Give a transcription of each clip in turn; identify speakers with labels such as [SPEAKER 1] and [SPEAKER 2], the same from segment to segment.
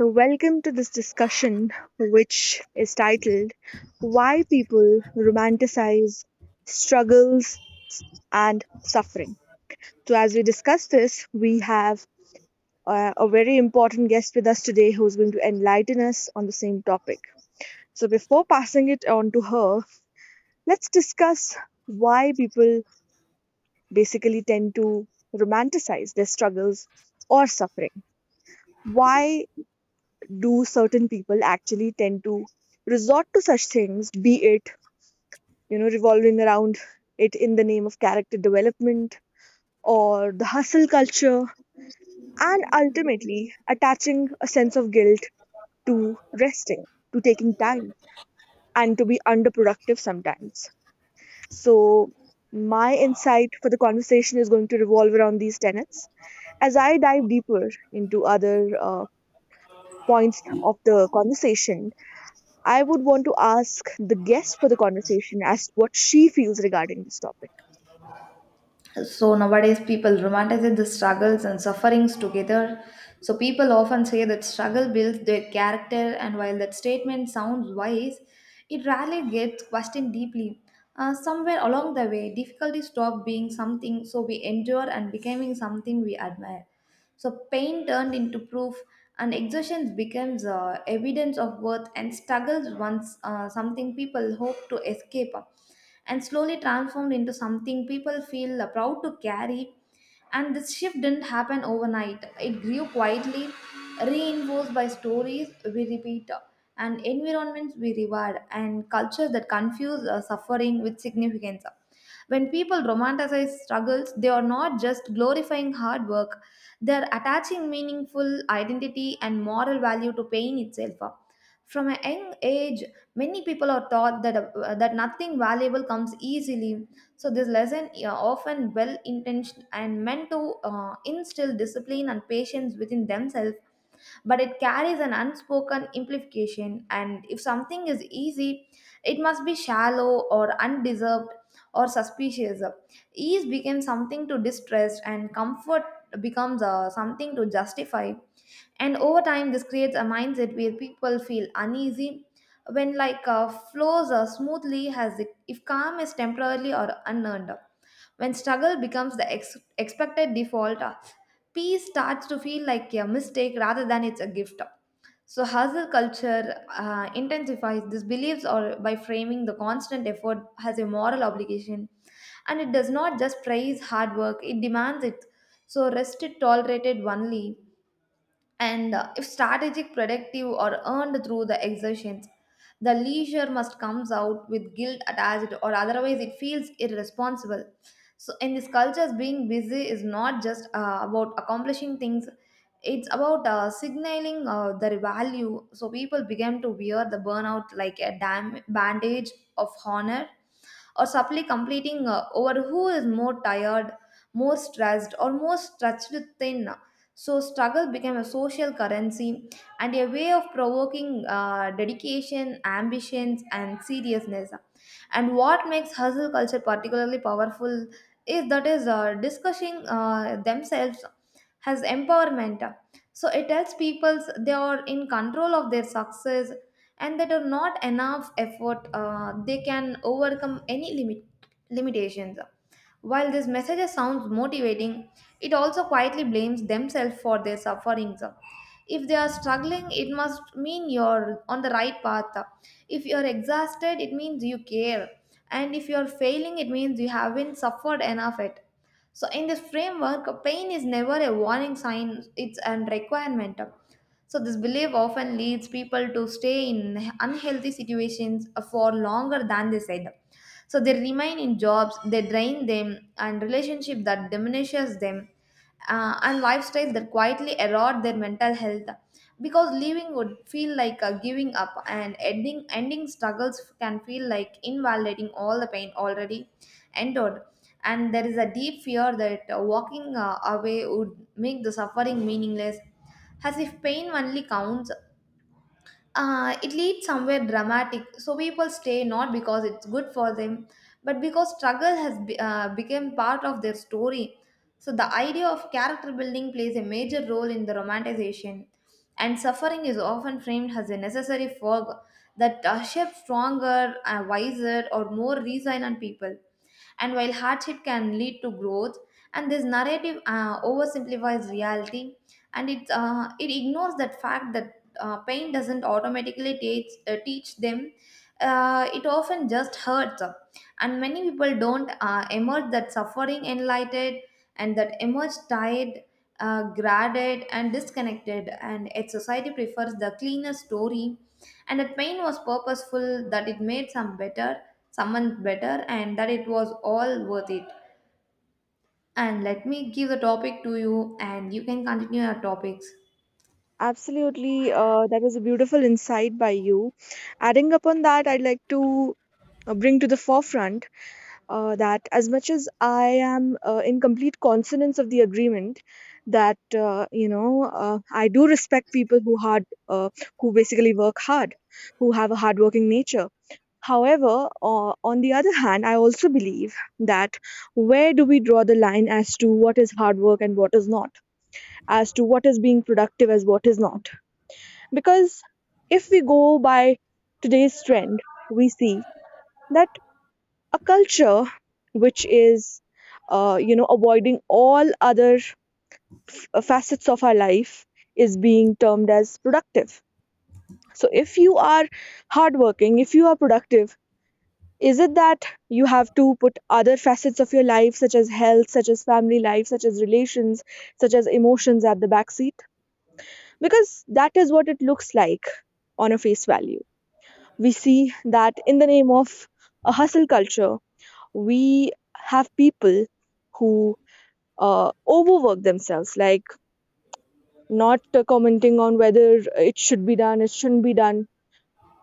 [SPEAKER 1] So, welcome to this discussion, which is titled Why People Romanticize Struggles and Suffering. So, as we discuss this, we have a very important guest with us today who's going to enlighten us on the same topic. So, before passing it on to her, let's discuss why people basically tend to romanticize their struggles or suffering. Why do certain people actually tend to resort to such things, be it, you know, revolving around it in the name of character development or the hustle culture, and ultimately attaching a sense of guilt to resting, to taking time, and to be underproductive sometimes. So, my insight for the conversation is going to revolve around these tenets. As I dive deeper into other points of the conversation, I would want to ask the guest for the conversation as to what she feels regarding this topic.
[SPEAKER 2] So nowadays, people romanticize the struggles and sufferings together. So people often say that struggle builds their character, and while that statement sounds wise, it rarely gets questioned deeply. Somewhere along the way, difficulties stop being something so we endure and becoming something we admire. So pain turned into proof, and exertion becomes evidence of worth, and struggles once something people hope to escape, and slowly transformed into something people feel proud to carry. And this shift didn't happen overnight. It grew quietly, reinforced by stories we repeat, and environments we reward, and cultures that confuse suffering with significance. When people romanticize struggles, they are not just glorifying hard work, they're attaching meaningful identity and moral value to pain itself. From a young age, many people are taught that nothing valuable comes easily. So, this lesson, often well intentioned and meant to instill discipline and patience within themselves, but it carries an unspoken implication. And if something is easy, it must be shallow or undeserved or suspicious. Ease becomes something to distrust, and comfort becomes something to justify. And over time, this creates a mindset where people feel uneasy when like flows smoothly as if calm is temporarily or unearned. When struggle becomes the expected default, peace starts to feel like a mistake rather than it's a gift. So, hustle culture intensifies these beliefs or by framing the constant effort as a moral obligation. And it does not just praise hard work, it demands it. So, rest is tolerated only and if strategic productive or earned through the exertions, the leisure must comes out with guilt attached, or otherwise it feels irresponsible. So in this cultures, being busy is not just about accomplishing things, it's about signaling their value. So people began to wear the burnout like a bandage of honor, or subtly completing over who is more tired, more stressed, or more stretched thin. So, struggle became a social currency and a way of provoking dedication, ambitions, and seriousness. And what makes hustle culture particularly powerful is that is discussing themselves has empowerment. So it tells people they are in control of their success, and that are not enough effort, they can overcome any limitations. While this message sounds motivating, it also quietly blames themselves for their sufferings. If they are struggling, it must mean you're on the right path. If you're exhausted, it means you care. And if you're failing, it means you haven't suffered enough it. So in this framework, pain is never a warning sign, it's a requirement. So this belief often leads people to stay in unhealthy situations for longer than they said. So they remain in jobs they drain them, and relationship that diminishes them, and lifestyles that quietly erode their mental health, because leaving would feel like giving up, and ending struggles can feel like invalidating all the pain already endured. And there is a deep fear that walking away would make the suffering meaningless, as if pain only counts it leads somewhere dramatic. So people stay not because it's good for them, but because struggle has become part of their story. So the idea of character building plays a major role in the romanticization, and suffering is often framed as a necessary fog that shapes stronger, wiser, or more resilient people. And while hardship can lead to growth, and this narrative oversimplifies reality, and it ignores that fact that pain doesn't automatically teach teach them. It often just hurts, and many people don't emerge that suffering enlightened, and that emerge tired, graded, and disconnected. And yet society prefers the cleaner story, and that pain was purposeful, that it made someone better, and that it was all worth it. And let me give the topic to you, and you can continue your topics.
[SPEAKER 1] Absolutely, that was a beautiful insight by you. Adding upon that, I'd like to bring to the forefront that as much as I am in complete consonance of the agreement, that you know I do respect people who who basically work hard, who have a hardworking nature. However, on the other hand, I also believe that where do we draw the line as to what is hard work and what is not, as to what is being productive as what is not? Because if we go by today's trend, we see that a culture which is you know avoiding all other facets of our life is being termed as productive. So if you are hardworking, if you are productive, is it that you have to put other facets of your life, such as health, such as family life, such as relations, such as emotions at the back seat? Because that is what it looks like on a face value. We see that in the name of a hustle culture, we have people who overwork themselves, like, not commenting on whether it should be done, it shouldn't be done,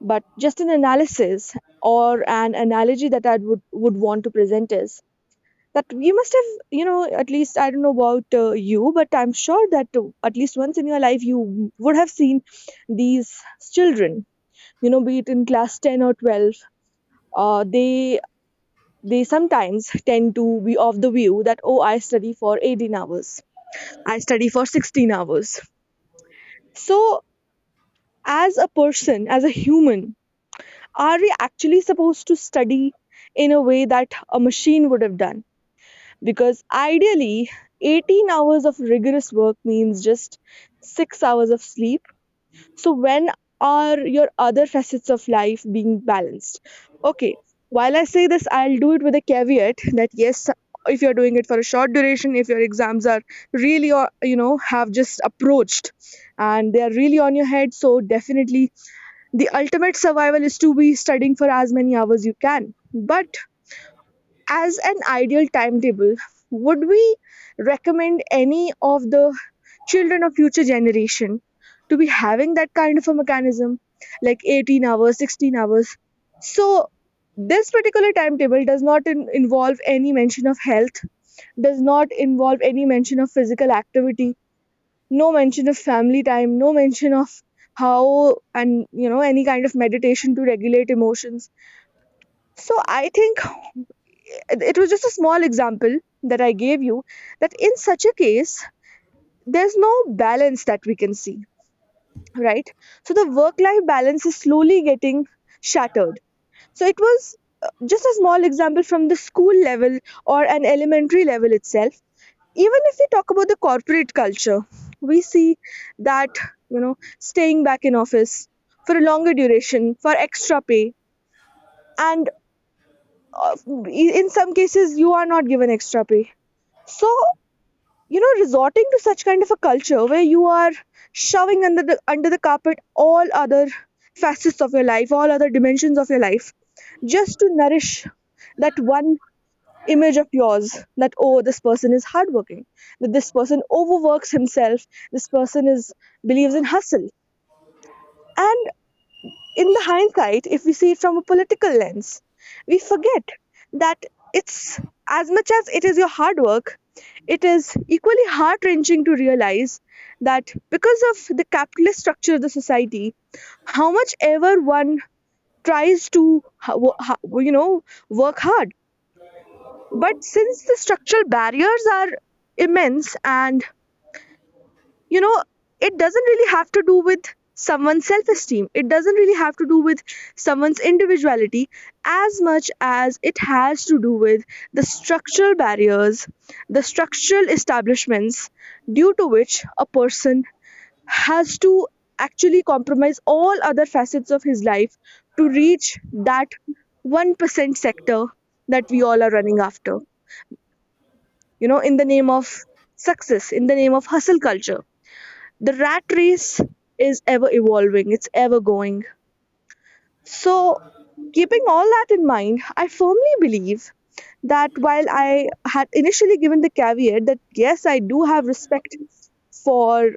[SPEAKER 1] but just an analysis or an analogy that I would want to present is that you must have, you know, at least I don't know about you, but I'm sure that at least once in your life you would have seen these children, you know, be it in class 10 or 12, uh, they they sometimes tend to be of the view that, oh, I study for 18 hours, I study for 16 hours. So, as a person, as a human, are we actually supposed to study in a way that a machine would have done? Because ideally, 18 hours of rigorous work means just 6 hours of sleep. So, when are your other facets of life being balanced? Okay, while I say this, I'll do it with a caveat that yes, if you're doing it for a short duration, if your exams are really, you know, have just approached and they are really on your head, so definitely the ultimate survival is to be studying for as many hours you can. But as an ideal timetable, would we recommend any of the children of future generation to be having that kind of a mechanism like 18 hours, 16 hours? So this particular timetable does not involve any mention of health, does not involve any mention of physical activity, no mention of family time, no mention of how, and you know, any kind of meditation to regulate emotions. So I think it was just a small example that I gave you, that in such a case there's no balance that we can see, right? So the work life balance is slowly getting shattered. So it was just a small example from the school level or an elementary level itself. Even if we talk about the corporate culture, we see that, you know, staying back in office for a longer duration, for extra pay, and uh, in some cases, you are not given extra pay. So, you know, resorting to such kind of a culture where you are shoving under the carpet all other facets of your life, all other dimensions of your life, just to nourish that one image of yours, that oh, this person is hardworking, that this person overworks himself, this person is believes in hustle. And in the hindsight, if we see it from a political lens, we forget that it's, as much as it is your hard work, it is equally heart wrenching to realize that because of the capitalist structure of the society, how much ever one tries to ho- you know work hard. But since the structural barriers are immense, and you know, it doesn't really have to do with someone's self esteem, it doesn't really have to do with someone's individuality as much as it has to do with the structural barriers, the structural establishments, due to which a person has to actually compromise all other facets of his life to reach that 1% sector that we all are running after, you know, in the name of success, in the name of hustle culture. The rat race is ever evolving, it's ever going. So, keeping all that in mind, I firmly believe that while I had initially given the caveat that yes, I do have respect for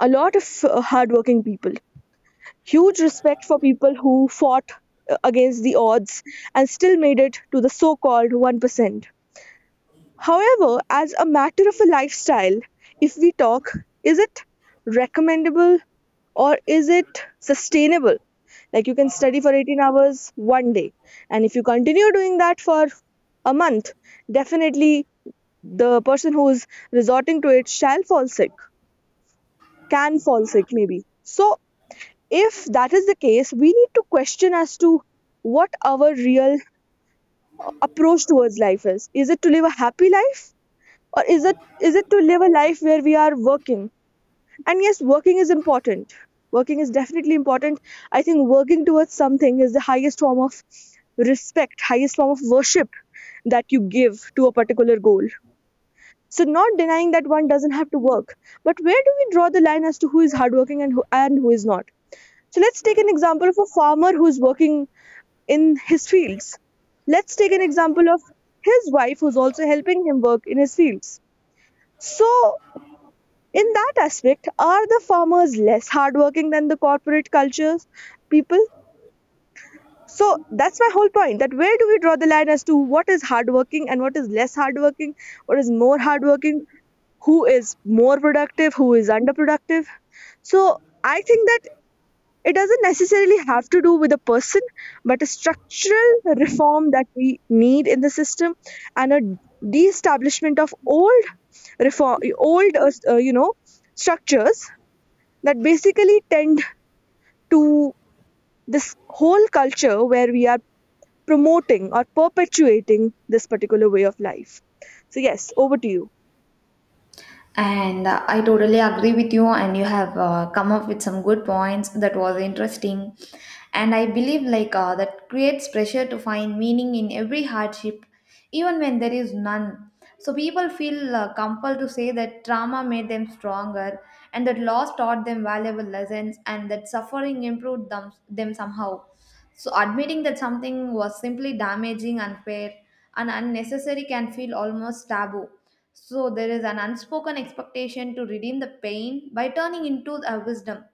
[SPEAKER 1] a lot of hardworking people, huge respect for people who fought against the odds and still made it to the so called 1%. However, as a matter of a lifestyle, if we talk, is it recommendable or is it sustainable? Like you can study for 18 hours one day, and if you continue doing that for a month, definitely the person who's resorting to it shall fall sick, can fall sick maybe. So, if that is the case, we need to question as to what our real approach towards life is. Is it to live a happy life, or is it to live a life where we are working? And yes, working is important, working is definitely important. I think working towards something is the highest form of respect, highest form of worship that you give to a particular goal. So not denying that one doesn't have to work, but where do we draw the line as to who is hardworking and who is not? So let's take an example of a farmer who's working in his fields. Let's take an example of his wife who's also helping him work in his fields. So in that aspect, are the farmers less hardworking than the corporate cultures people? So that's my whole point. That where do we draw the line as to what is hardworking and what is less hardworking, what is more hardworking, who is more productive, who is underproductive? So I think that it doesn't necessarily have to do with a person, but a structural reform that we need in the system, and a de-establishment of old reform, old you know structures that basically tend to this whole culture where we are promoting or perpetuating this particular way of life. So, yes, over to you.
[SPEAKER 2] And I totally agree with you, and you have come up with some good points that was interesting. And I believe like that creates pressure to find meaning in every hardship, even when there is none. So people feel compelled to say that trauma made them stronger, and that loss taught them valuable lessons, and that suffering improved them somehow. So admitting that something was simply damaging, unfair, and unnecessary can feel almost taboo. So there is an unspoken expectation to redeem the pain by turning into a wisdom.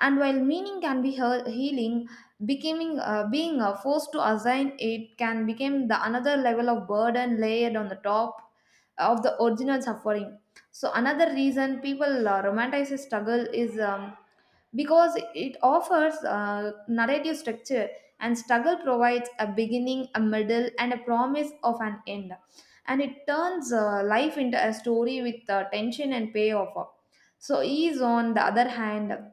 [SPEAKER 2] And while meaning can be healing, becoming being forced to assign it can become the another level of burden layered on the top of the original suffering. So another reason people romanticize struggle is because it offers narrative structure, and struggle provides a beginning, a middle, and a promise of an end, and it turns life into a story with tension and payoff. So ease, on the other hand,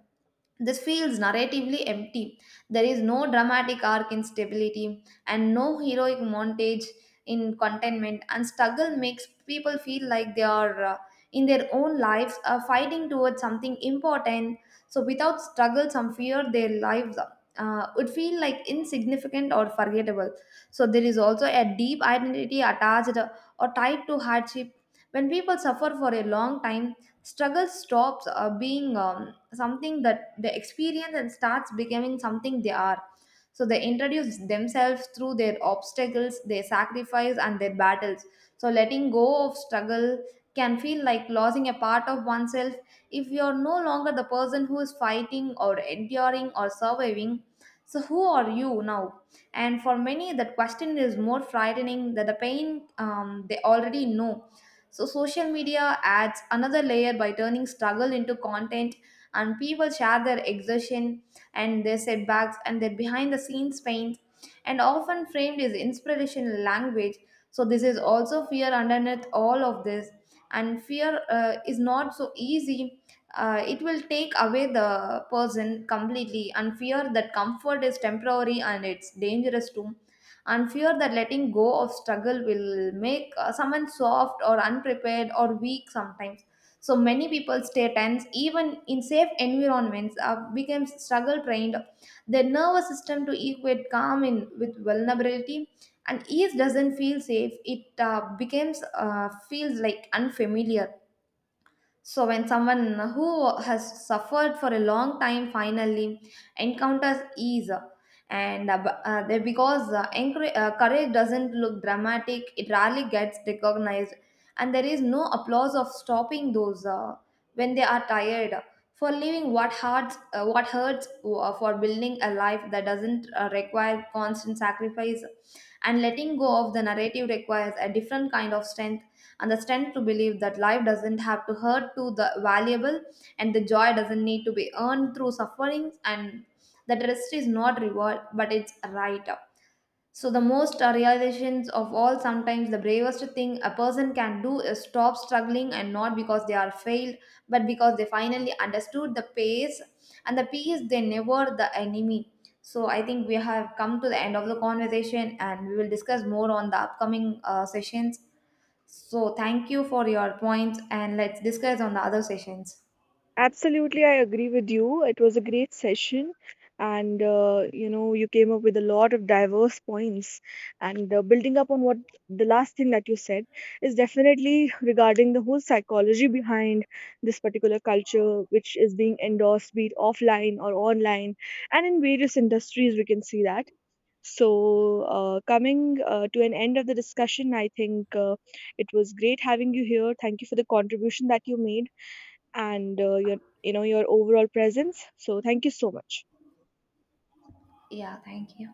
[SPEAKER 2] this feels narratively empty. There is no dramatic arc in stability and no heroic montage in contentment, and struggle makes people feel like they are in their own lives fighting towards something important. So, without struggle, some fear their lives would feel like insignificant or forgettable. So, there is also a deep identity attached or tied to hardship. When people suffer for a long time, struggle stops being. Something that they experience and starts becoming something they are, so they introduce themselves through their obstacles, their sacrifice, and their battles. So letting go of struggle can feel like losing a part of oneself. If you're no longer the person who is fighting or enduring or surviving, so who are you now? And for many, that question is more frightening than the pain they already know. So social media adds another layer by turning struggle into content, and people share their exertion and their setbacks and their behind the scenes pains, and often framed as inspirational language. So this is also fear underneath all of this, and fear is not so easy, it will take away the person completely, and fear that comfort is temporary and it's dangerous too, and fear that letting go of struggle will make someone soft or unprepared or weak sometimes. So many people's stay tense even in safe environments, becomes struggle trained their nervous system to equate calm in with vulnerability, and ease doesn't feel safe, it becomes feels like unfamiliar. So, when someone who has suffered for a long time finally encounters ease, and courage doesn't look dramatic, it rarely gets recognized, and there is no applause of stopping those when they are tired, for leaving what hurts, for building a life that doesn't require constant sacrifice, and letting go of the narrative requires a different kind of strength, and the strength to believe that life doesn't have to hurt to the valuable, and the joy doesn't need to be earned through sufferings, and that rest is not reward but it's a right up. So the most realizations of all, sometimes the bravest thing a person can do is stop struggling, and not because they are failed, but because they finally understood the pace and the peace they never the enemy. So I think we have come to the end of the conversation, and we will discuss more on the upcoming sessions. So thank you for your points, and let's discuss on the other sessions.
[SPEAKER 1] Absolutely, I agree with you. It was a great session, and you know, you came up with a lot of diverse points. And building up on what the last thing that you said is definitely regarding the whole psychology behind this particular culture, which is being endorsed, be it offline or online, and in various industries, we can see that. So, coming to an end of the discussion, I think it was great having you here. Thank you for the contribution that you made, and your, you know, your overall presence. So thank you so much.
[SPEAKER 2] Yeah, thank you.